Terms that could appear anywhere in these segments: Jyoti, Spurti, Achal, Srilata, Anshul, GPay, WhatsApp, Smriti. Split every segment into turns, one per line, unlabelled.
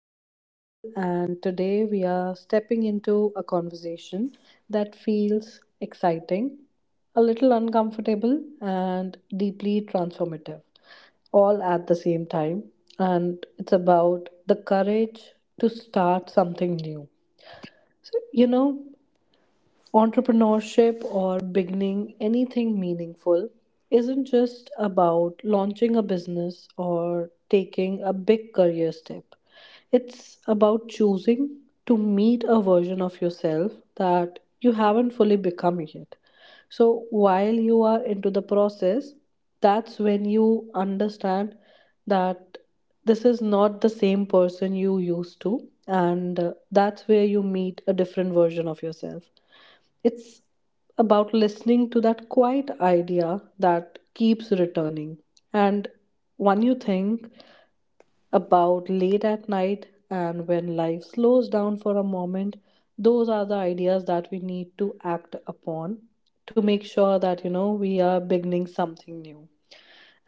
I'm Anshul, and today we are stepping into a conversation that feels exciting, a little uncomfortable, and deeply transformative, all at the same time. And it's about the courage to start something new. So, you know, Entrepreneurship or beginning anything meaningful isn't just about launching a business or taking a big career step. It's about choosing to meet a version of yourself that you haven't fully become yet. So while you are into the process, that's when you understand that this is not the same person you used to, and that's where you meet a different version of yourself. It's about listening to that quiet idea that keeps returning. And when you think about late at night and when life slows down for a moment, those are the ideas that we need to act upon to make sure that we are beginning something new.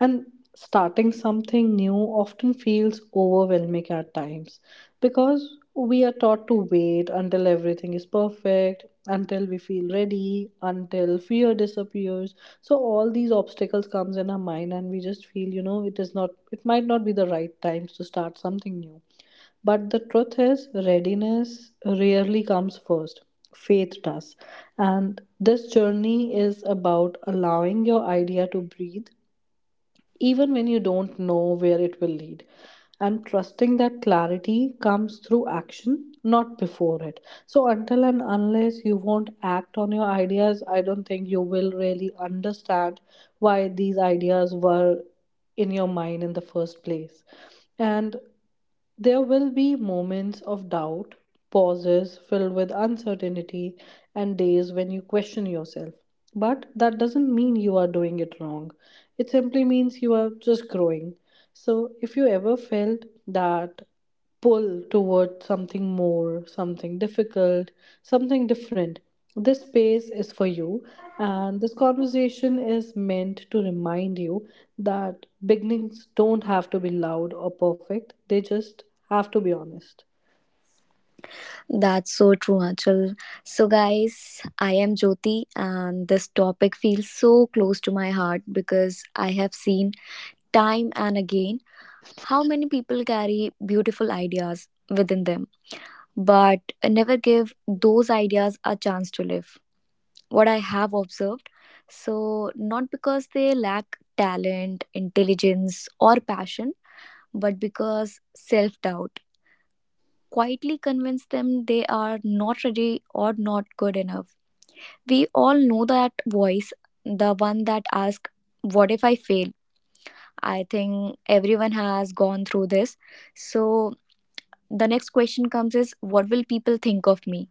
And starting something new often feels overwhelming at times because we are taught to wait until everything is perfect, until we feel ready, until fear disappears. So all these obstacles comes in our mind and we just feel it is not it might not be the right times to start something new. But the truth is, readiness rarely comes first. Faith does. And this journey is about allowing your idea to breathe, even when you don't know where it will lead. And trusting that clarity comes through action, not before it. So, until and unless you won't act on your ideas, I don't think you will really understand why these ideas were in your mind in the first place. And there will be moments of doubt, pauses filled with uncertainty, and days when you question yourself. But that doesn't mean you are doing it wrong. It simply means you are just growing. So if you ever felt that pull towards something more, something difficult, something different, this space is for you. And this conversation is meant to remind you that beginnings don't have to be loud or perfect, they just have to be honest.
That's so true, Achal. So, guys, I am Jyoti, and this topic feels so close to my heart because I have seen time and again how many people carry beautiful ideas within them but never give those ideas a chance to live. What I have observed, not because they lack talent, intelligence, or passion, but because self doubt quietly convince them they are not ready or not good enough. We all know that voice, the one that asks, what if I fail? I think everyone has gone through this. So, the next question comes is, what will people think of me?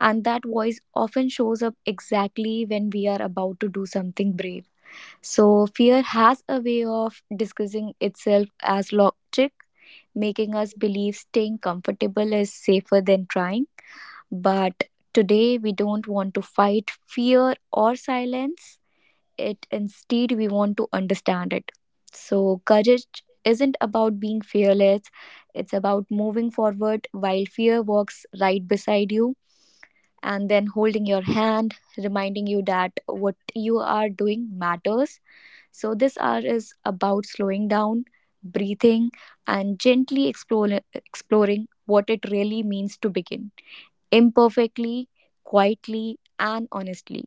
And that voice often shows up exactly when we are about to do something brave. So, fear has a way of disguising itself as logic, making us believe staying comfortable is safer than trying. But today, we don't want to fight fear or silence it, instead we want to understand it. So courage isn't about being fearless, it's about moving forward while fear walks right beside you and then holding your hand, reminding you that what you are doing matters. So this hour is about slowing down, breathing, and exploring what it really means to begin imperfectly, quietly, and honestly,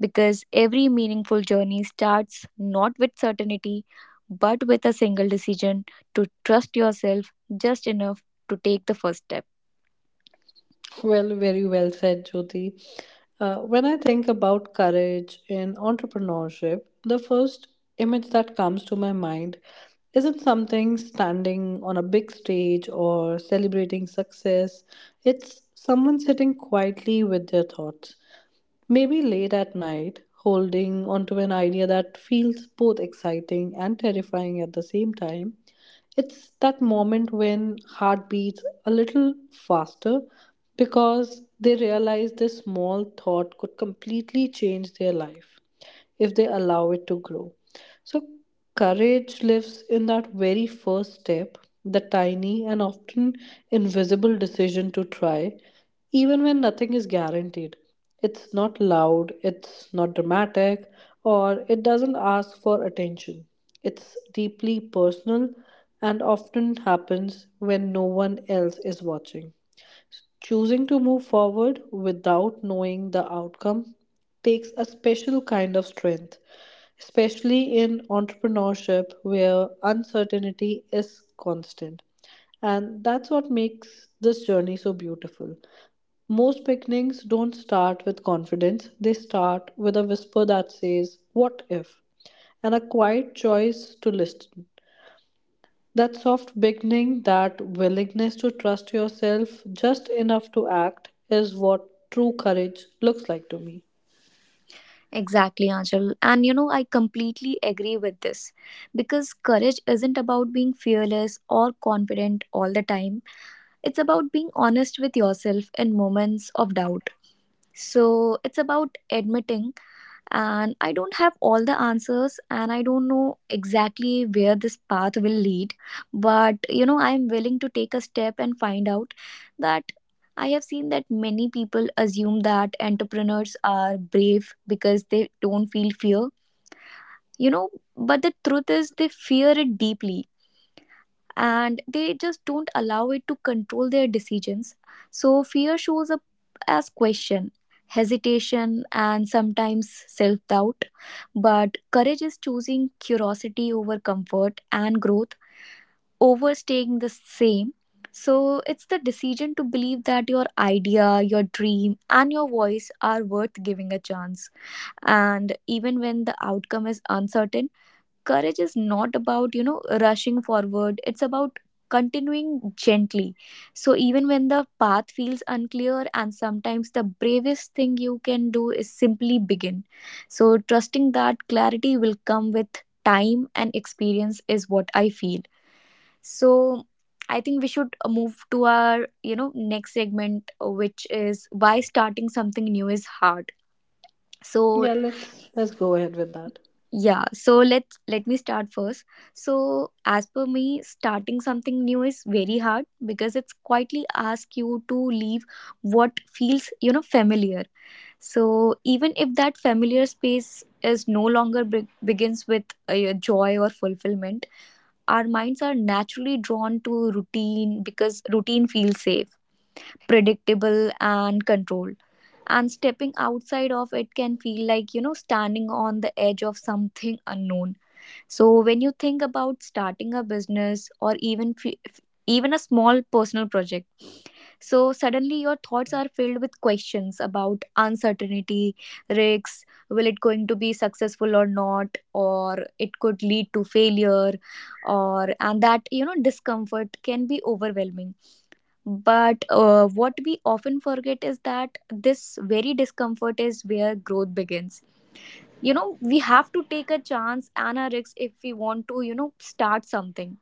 because every meaningful journey starts not with certainty, but with a single decision to trust yourself just enough to take the first step.
Well, very well said, Jyoti. When I think about courage in entrepreneurship, the first image that comes to my mind isn't something standing on a big stage or celebrating success. It's someone sitting quietly with their thoughts, maybe late at night, holding onto an idea that feels both exciting and terrifying at the same time. It's that moment when heart beats a little faster because they realize this small thought could completely change their life if they allow it to grow. So, courage lives in that very first step, the tiny and often invisible decision to try, even when nothing is guaranteed. It's not loud, it's not dramatic, or it doesn't ask for attention. It's deeply personal and often happens when no one else is watching. Choosing to move forward without knowing the outcome takes a special kind of strength, especially in entrepreneurship where uncertainty is constant. And that's what makes this journey so beautiful. Most beginnings don't start with confidence, they start with a whisper that says, "What if?" and a quiet choice to listen. That soft beginning, that willingness to trust yourself just enough to act is what true courage looks like to me.
Exactly, Anshul. And you know, I completely agree with this because courage isn't about being fearless or confident all the time, it's about being honest with yourself in moments of doubt. So, it's about admitting and I don't have all the answers and I don't know exactly where this path will lead, but you know, I am willing to take a step and find out. That I have seen that many people assume that entrepreneurs are brave because they don't feel fear, you know, but the truth is they fear it deeply and they just don't allow it to control their decisions. So fear shows up as question, hesitation, and sometimes self doubt. But courage is choosing curiosity over comfort and growth, over staying the same. So it's the decision to believe that your idea, your dream, and your voice are worth giving a chance. And even when the outcome is uncertain, courage is not about you know rushing forward, it's about continuing gently. So even when the path feels unclear and sometimes the bravest thing you can do is simply begin, so trusting that clarity will come with time and experience is what I feel. So I think we should move to our you know next segment, which is why starting something new is hard. So
Yeah, let's go ahead with that.
Yeah, so let me start first. So as per me, starting something new is very hard because it's quietly ask you to leave what feels, you know, familiar. So even if that familiar space is no longer begins with a joy or fulfillment, our minds are naturally drawn to routine because routine feels safe, predictable and controlled, and stepping outside of it can feel like you know standing on the edge of something unknown. So when you think about starting a business or even even a small personal project, so suddenly your thoughts are filled with questions about uncertainty, risks, will it going to be successful or not, or it could lead to failure, or and that you know discomfort can be overwhelming. But what we often forget is that this very discomfort is where growth begins. You know, we have to take a chance and a risk if we want to, you know, start something.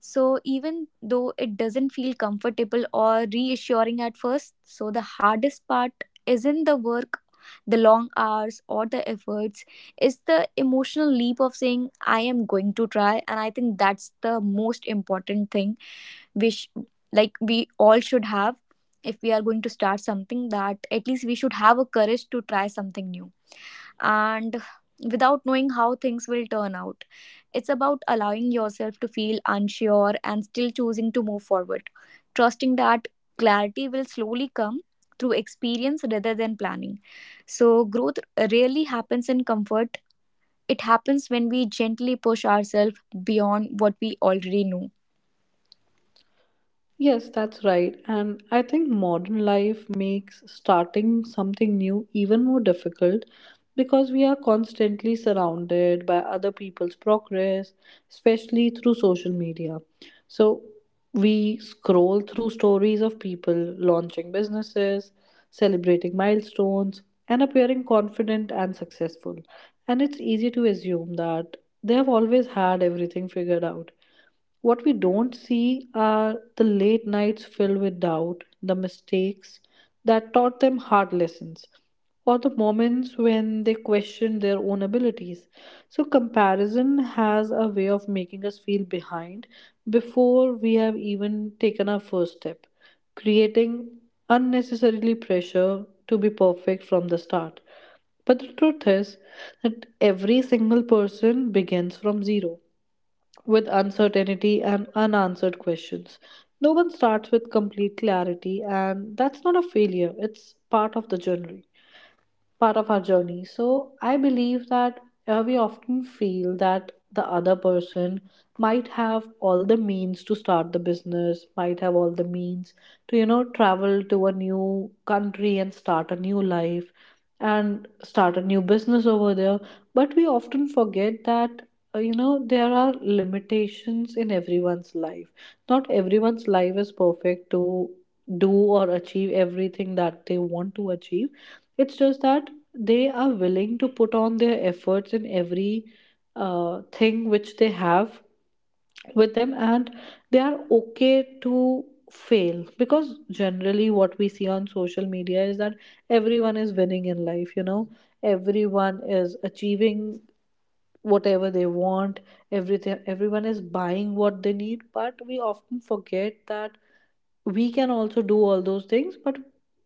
So even though it doesn't feel comfortable or reassuring at first, so the hardest part isn't the work, the long hours or the efforts, it's the emotional leap of saying I am going to try, and I think that's the most important thing we sh- like we all should have. If we are going to start something, that at least we should have a courage to try something new, and without knowing how things will turn out, it's about allowing yourself to feel unsure and still choosing to move forward, trusting that clarity will slowly come through experience rather than planning. So growth rarely happens in comfort, it happens when we gently push ourselves beyond what we already know.
Yes, that's right. And I think modern life makes starting something new even more difficult because we are constantly surrounded by other people's progress, especially through social media. So we scroll through stories of people launching businesses, celebrating milestones, and appearing confident and successful. And it's easy to assume that they have always had everything figured out. What we don't see are the late nights filled with doubt, the mistakes that taught them hard lessons, or the moments when they questioned their own abilities. So, comparison has a way of making us feel behind before we have even taken our first step, creating unnecessarily pressure to be perfect from the start. But the truth is that every single person begins from zero with uncertainty and unanswered questions. No one starts with complete clarity, and that's not a failure, it's part of the journey, part of our journey. So I believe that we often feel that the other person might have all the means to start the business, might have all the means to travel to a new country and start a new life and start a new business over there. But we often forget that. You know, there are limitations in everyone's life. Not everyone's life is perfect to do or achieve everything that they want to achieve. It's just that they are willing to put on their efforts in every thing which they have with them, and they are okay to fail, because generally what we see on social media is that everyone is winning in life, you know, everyone is achieving whatever they want, everything, everyone is buying what they need, but we often forget that we can also do all those things. But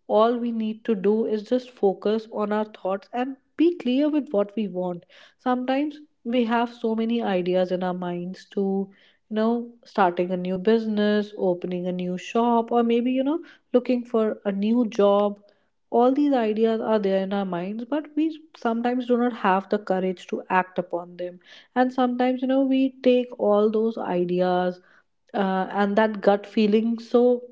all we need to do is just focus on our thoughts and be clear with what we want. Sometimes we have so many ideas in our minds to, you know, starting a new business, opening a new shop, or maybe, you know, looking for a new job. All these ideas are there in our minds, but we sometimes do not have the courage to act upon them. And sometimes, you know, we take all those ideas and that gut feeling so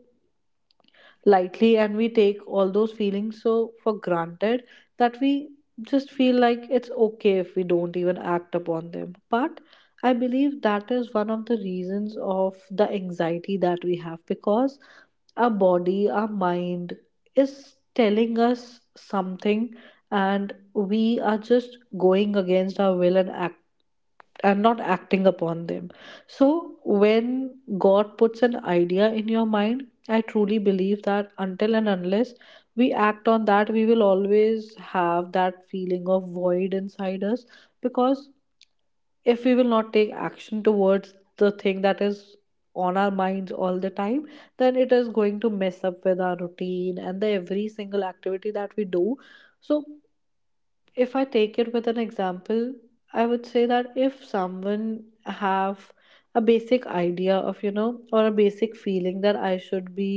lightly, and we take all those feelings so for granted that we just feel like it's okay if we don't even act upon them. But I believe that is one of the reasons of the anxiety that we have, because our body, our mind is telling us something, and we are just going against our will and act and not acting upon them. So when God puts an idea in your mind, I truly believe that until and unless we act on that, we will always have that feeling of void inside us, because if we will not take action towards the thing that is on our minds all the time, then it is going to mess up with our routine and the every single activity that we do. So if I take it with an example, I would say that if someone have a basic idea of, you know, or a basic feeling that I should be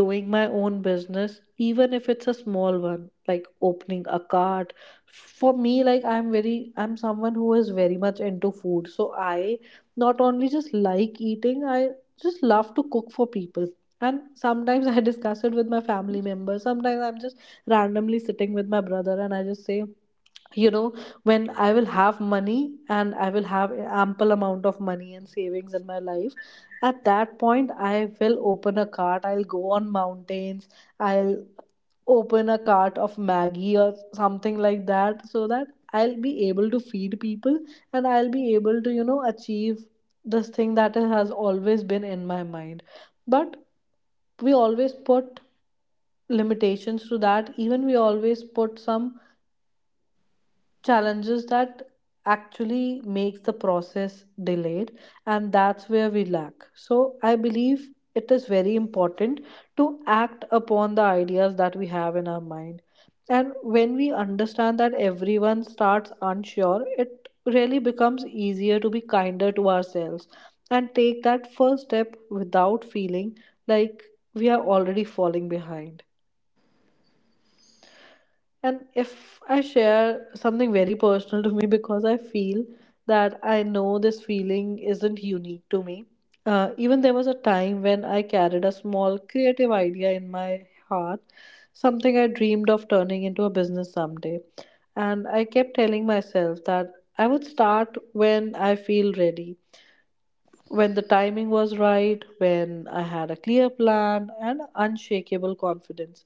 doing my own business, even if it's a small one, like opening a cart. For me, like, I'm someone who is very much into food, so I not only just like eating, I just love to cook for people. And sometimes I discuss it with my family members. Sometimes I'm just randomly sitting with my brother and I just say, you know, when I will have money and I will have ample amount of money and savings in my life, at that point I will open a cart, I'll go on mountains, I'll open a cart of maggie or something like that, so that I'll be able to feed people and I'll be able to, you know, achieve this thing that has always been in my mind. But we always put limitations to that, even we always put some challenges that actually makes the process delayed, and that's where we lack. So I believe it is very important to act upon the ideas that we have in our mind. And when we understand that everyone starts unsure, it really becomes easier to be kinder to ourselves and take that first step without feeling like we are already falling behind. And if I share something very personal to me, because I feel that I know this feeling isn't unique to me. Even there was a time when I carried a small creative idea in my heart, something I dreamed of turning into a business someday. And I kept telling myself that I would start when I feel ready, when the timing was right, when I had a clear plan and unshakable confidence.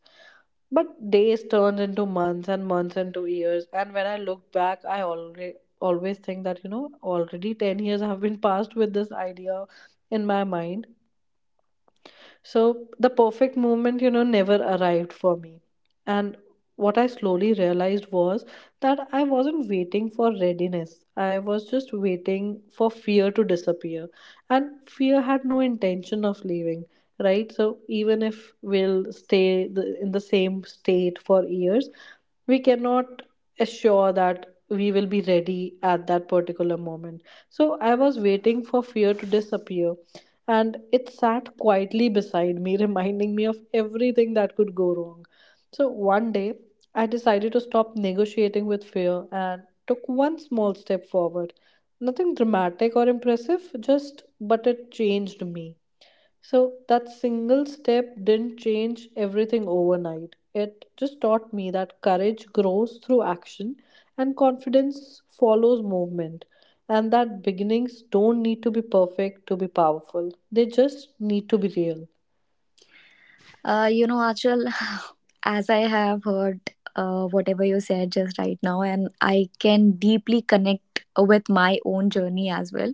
But days turned into months and months into years. And when I look back, I already always think that, you know, already 10 years have been passed with this idea in my mind. So the perfect moment, you know, never arrived for me. And what I slowly realized was that I wasn't waiting for readiness. I was just waiting for fear to disappear. And fear had no intention of leaving, right? So even if we'll stay in the same state for years, we cannot assure that we will be ready at that particular moment. So I was waiting for fear to disappear and it sat quietly beside me, reminding me of everything that could go wrong. So one day, I decided to stop negotiating with fear and took one small step forward. Nothing dramatic or impressive, just but it changed me. So that single step didn't change everything overnight. It just taught me that courage grows through action and confidence follows movement. And that beginnings don't need to be perfect to be powerful, they just need to be real.
You know, Achal, as I have heard whatever you said just right now, and I can deeply connect with my own journey as well.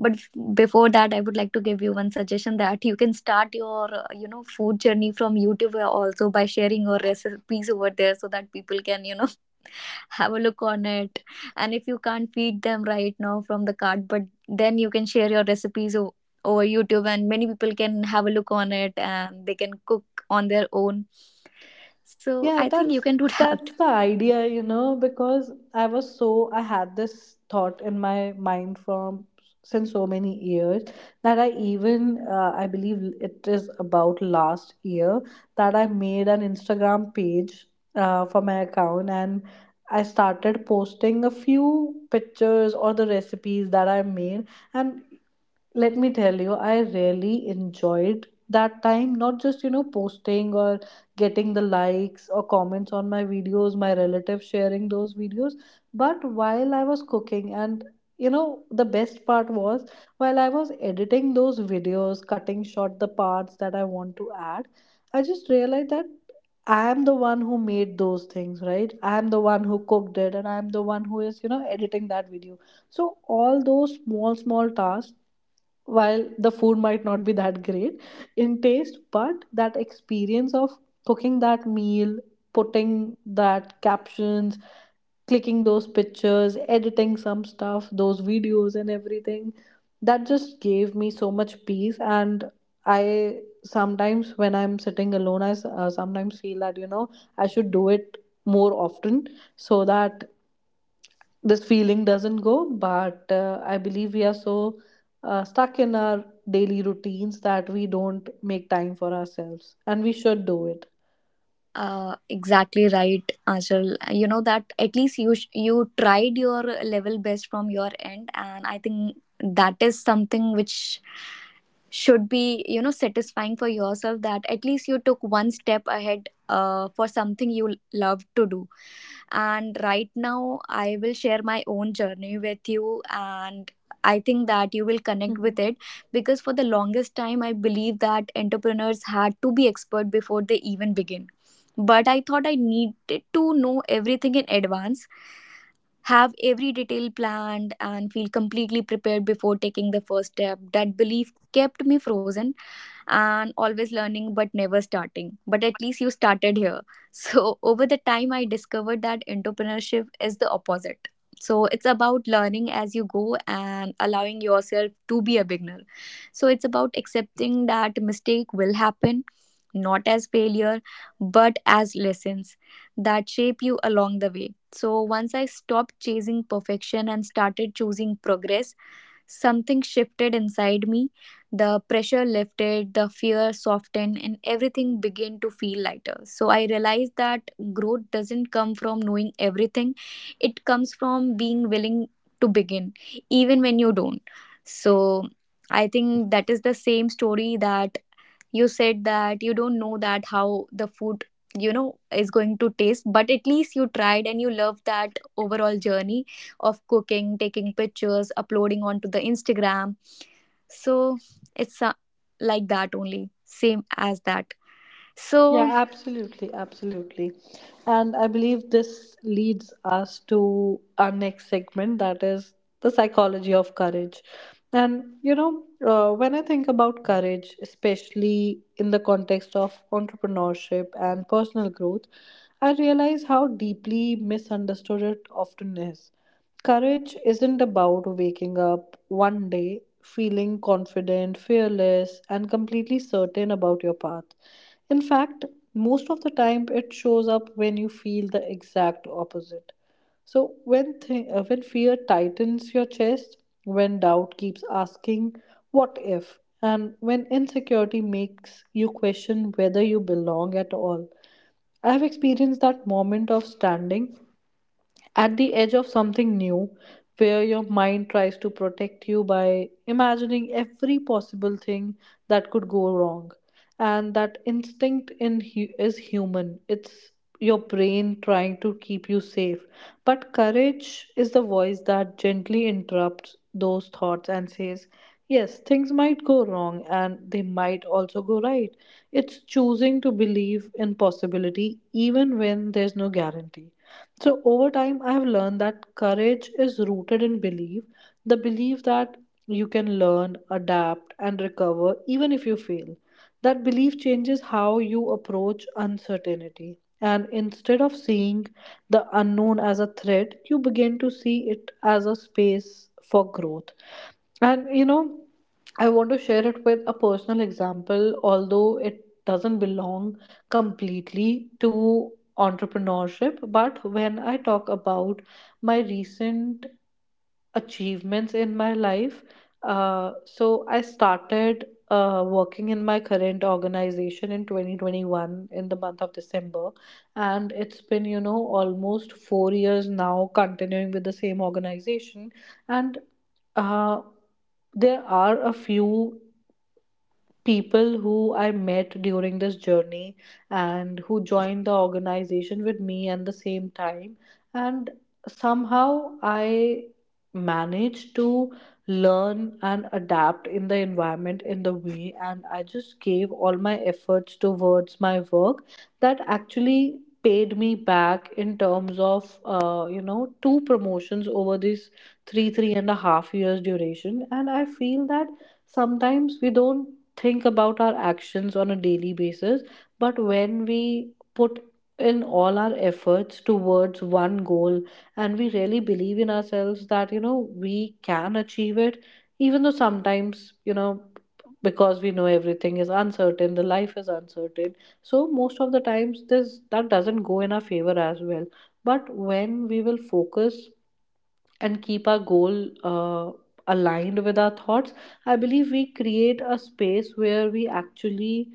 But before that, I would like to give you one suggestion that you can start your, you know, food journey from YouTube also by sharing your recipes over there so that people can, you know, have a look on it. And if you can't feed them right now from the cart, but then you can share your recipes over YouTube, and many people can have a look on it and they can cook on their own. So
Yeah,
I think you
that's
can do that.
that's the idea, because I was so I had this thought in my mind from since so many years that I believe it is about last year that I made an Instagram page for my account, and I started posting a few pictures or the recipes that I made. And let me tell you, I really enjoyed that time. Not just posting or getting the likes or comments on my videos, my relatives sharing those videos, but while I was cooking and the best part was while I was editing those videos, cutting short the parts that I want to add, I just realized that I am the one who made those things, right? I am the one who cooked it, and I am the one who is editing that video. So all those small small tasks, while the food might not be that great in taste, but that experience of cooking that meal, putting that captions, clicking those pictures, editing some stuff, those videos and everything, that just gave me so much peace. And I sometimes, when I'm sitting alone, sometimes feel that I should do it more often, so that this feeling doesn't go. But I believe we are so stuck in our daily routines that we don't make time for ourselves, and we should do it.
Exactly right, Ajal. You know that at least you you tried your level best from your end, and I think that is something which should be you know satisfying for yourself, that at least you took one step ahead for something you love to do. And right now I will share my own journey with you, and I think that you will connect with it, because for the longest time I believe that entrepreneurs had to be expert before they even begin, but I thought I needed to know everything in advance, have every detail planned and feel completely prepared before taking the first step. That belief kept me frozen and always learning but never starting. But at least you started here. So, over the time, I discovered that entrepreneurship is the opposite. So, it's about learning as you go and allowing yourself to be a beginner. So, it's about accepting that mistake will happen, not as failure, but as lessons that shape you along the way. So once I stopped chasing perfection and started choosing progress, something shifted inside me. The pressure lifted, the fear softened, and everything began to feel lighter. So I realized that growth doesn't come from knowing everything, it comes from being willing to begin, even when you don't. So I think that is the same story that you said, that you don't know that how the food you know is going to taste, but at least you tried and you love that overall journey of cooking, taking pictures, uploading onto the Instagram. So it's like that only, same as that. So
Yeah, absolutely, absolutely. And I believe this leads us to our next segment, that is the psychology of courage. And when I think about courage, especially in the context of entrepreneurship and personal growth, I realize how deeply misunderstood it often is. Courage isn't about waking up one day feeling confident, fearless, and completely certain about your path. In fact, most of the time it shows up when you feel the exact opposite. So when fear tightens your chest, when doubt keeps asking what if, and when insecurity makes you question whether you belong at all. I have experienced that moment of standing at the edge of something new, where your mind tries to protect you by imagining every possible thing that could go wrong. And that instinct is human. It's your brain trying to keep you safe, but courage is the voice that gently interrupts those thoughts and says, yes, things might go wrong, and they might also go right. It's choosing to believe in possibility even when there's no guarantee. So, over time, I have learned that courage is rooted in belief, the belief that you can learn, adapt, and recover even if you fail. That belief changes how you approach uncertainty. And instead of seeing the unknown as a threat, you begin to see it as a space for growth. And I want to share it with a personal example, although it doesn't belong completely to entrepreneurship. But when I talk about my recent achievements in my life, so I started working in my current organization in 2021 in the month of December, and it's been almost 4 years now continuing with the same organization. And uh, there are a few people who I met during this journey and who joined the organization with me at the same time. And somehow I managed to learn and adapt in the environment in the way, and I just gave all my efforts towards my work, that actually paid me back in terms of two promotions over these three and a half years duration. And I feel that sometimes we don't think about our actions on a daily basis, but when we put in all our efforts towards one goal, and we really believe in ourselves that we can achieve it, even though sometimes, because we know everything is uncertain, the life is uncertain. So most of the times this that doesn't go in our favor as well. But when we will focus and keep our goal uh, aligned with our thoughts, I believe we create a space where we actually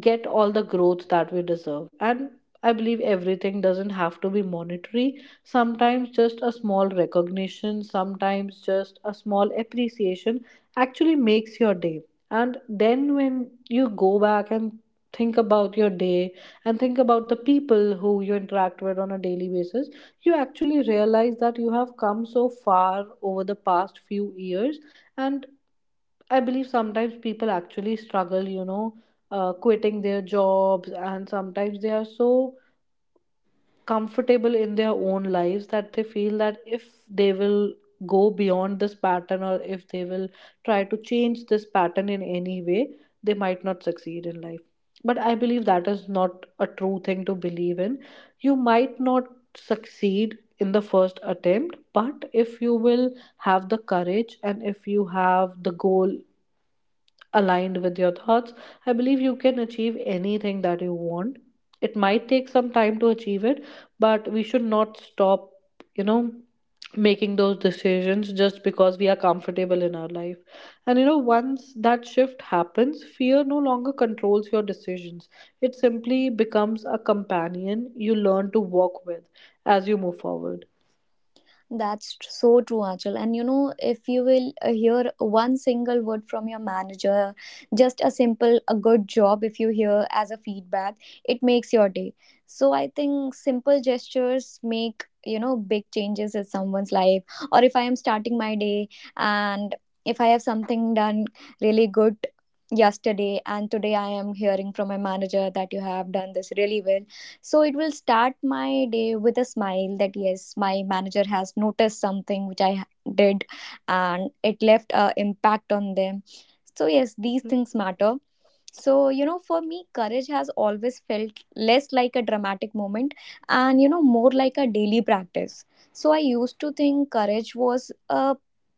get all the growth that we deserve. And I believe everything doesn't have to be monetary. Sometimes just a small recognition, sometimes just a small appreciation actually makes your day. And then when you go back and think about your day and think about the people who you interact with on a daily basis, you actually realize that you have come so far over the past few years. And I believe sometimes people actually struggle, quitting their jobs, and sometimes they are so comfortable in their own lives that they feel that if they will go beyond this pattern, or if they will try to change this pattern in any way, they might not succeed in life. But I believe that is not a true thing to believe in. You might not succeed in the first attempt, but if you will have the courage and if you have the goal aligned with your thoughts, I believe you can achieve anything that you want. It might take some time to achieve it, but we should not stop, you know, making those decisions just because we are comfortable in our life. And once that shift happens, fear no longer controls your decisions. It simply becomes a companion you learn to walk with as you move forward.
That's so true, Achal. And you know, if you will hear one single word from your manager, just a simple, a good job, if you hear as a feedback, it makes your day. So I think simple gestures make, you know, big changes in someone's life. Or if I am starting my day, and if I have something done really good yesterday and today I am hearing from my manager that you have done this really well, so it will start my day with a smile that yes, my manager has noticed something which I did, and it left a impact on them. So yes, these things matter. So, you know, for me, courage has always felt less like a dramatic moment and, you know, more like a daily practice. So, I used to think courage was a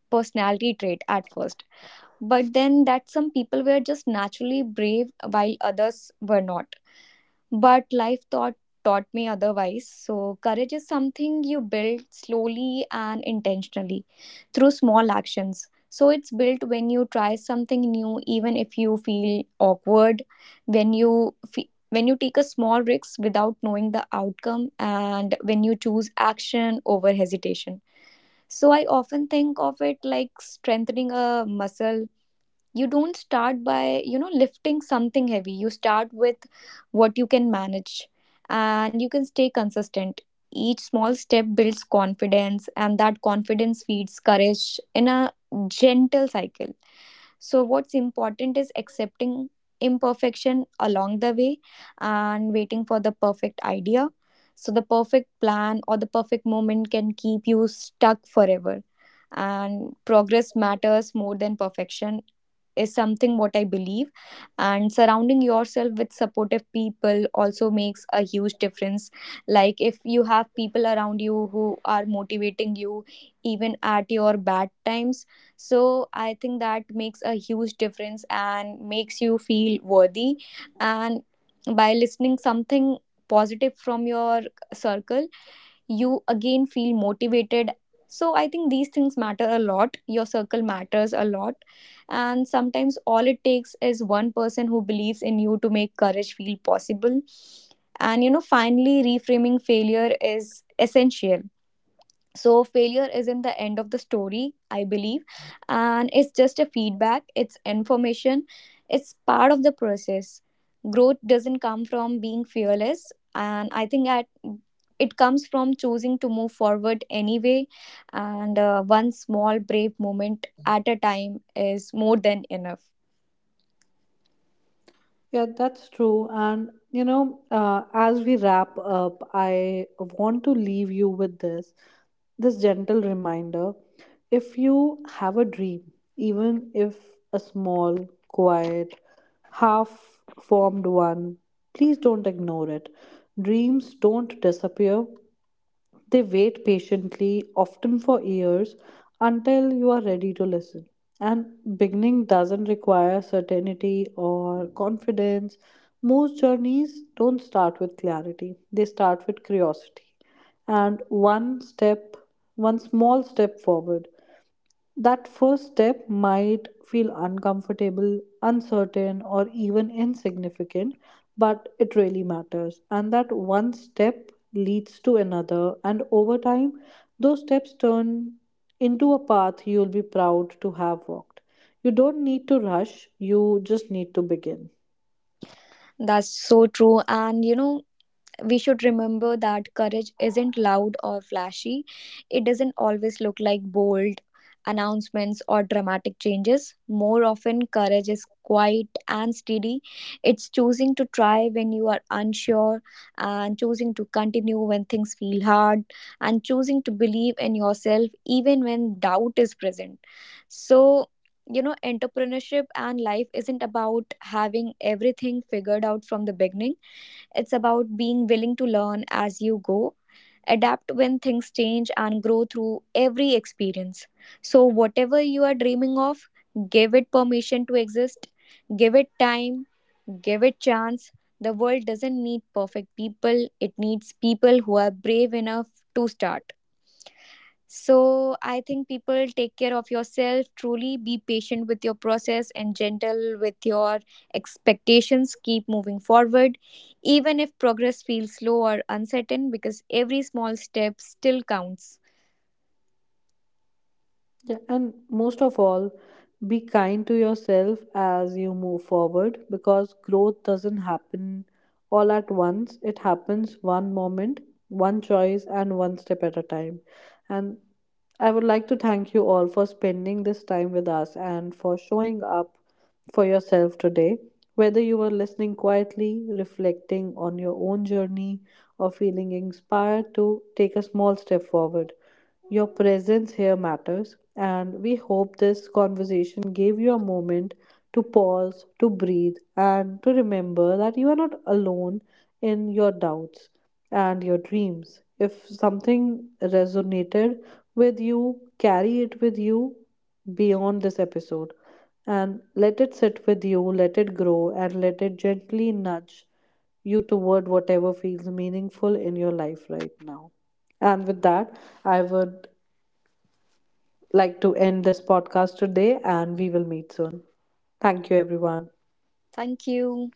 personality trait at first, but then that some people were just naturally brave while others were not. But life taught me otherwise. So courage is something you build slowly and intentionally through small actions. So it's built when you try something new, even if you feel awkward, when you take a small risk without knowing the outcome, and when you choose action over hesitation. So I often think of it like strengthening a muscle. You don't start by you know lifting something heavy, you start with what you can manage and you can stay consistent. Each small step builds confidence, and that confidence feeds courage in a gentle cycle. So, what's important is accepting imperfection along the way and waiting for the perfect idea. So, the perfect plan or the perfect moment can keep you stuck forever. And progress matters more than perfection is something what I believe. And surrounding yourself with supportive people also makes a huge difference. Like if you have people around you who are motivating you even at your bad times, so I think that makes a huge difference and makes you feel worthy. And by listening something positive from your circle, you again feel motivated. So I think these things matter a lot. Your circle matters a lot. And sometimes all it takes is one person who believes in you to make courage feel possible. And you know, finally reframing failure is essential. So failure isn't the end of the story, I believe, and it's just a feedback, it's information, it's part of the process. Growth doesn't come from being fearless, and I think at it comes from choosing to move forward anyway. And one small brave moment at a time is more than enough.
Yeah, that's true. And as we wrap up, I want to leave you with this gentle reminder. If you have a dream, even if a small, quiet, half formed one, please don't ignore it. Dreams don't disappear, they wait patiently, often for years, until you are ready to listen. And beginning doesn't require certainty or confidence. Most journeys don't start with clarity, they start with curiosity. And one step, one small step forward. That first step might feel uncomfortable, uncertain, or even insignificant, but it really matters. And that one step leads to another, and over time, those steps turn into a path you'll be proud to have walked. You don't need to rush, you just need to begin.
That's so true, and you know we should remember that courage isn't loud or flashy. It doesn't always look like bold announcements or dramatic changes. More often, courage is quiet and steady. It's choosing to try when you are unsure, and choosing to continue when things feel hard, and choosing to believe in yourself even when doubt is present. So, you know, entrepreneurship and life isn't about having everything figured out from the beginning, it's about being willing to learn as you go, adapt when things change, and grow through every experience. So, whatever you are dreaming of, give it permission to exist, give it time, give it chance. The world doesn't need perfect people, it needs people who are brave enough to start. So I think people take care of yourself, truly be patient with your process and gentle with your expectations. Keep moving forward, even if progress feels slow or uncertain, because every small step still counts.
Yeah, and most of all, be kind to yourself as you move forward, because growth doesn't happen all at once. It happens one moment, one choice, and one step at a time. And I would like to thank you all for spending this time with us and for showing up for yourself today. Whether you were listening quietly, reflecting on your own journey, or feeling inspired to take a small step forward. Your presence here matters, and we hope this conversation gave you a moment to pause, to breathe, and to remember that you are not alone in your doubts and your dreams. If something resonated with you, carry it with you beyond this episode, and let it sit with you, let it grow, and let it gently nudge you toward whatever feels meaningful in your life right now. And with that, I would like to end this podcast today, and we will meet soon. Thank you, everyone.
Thank you.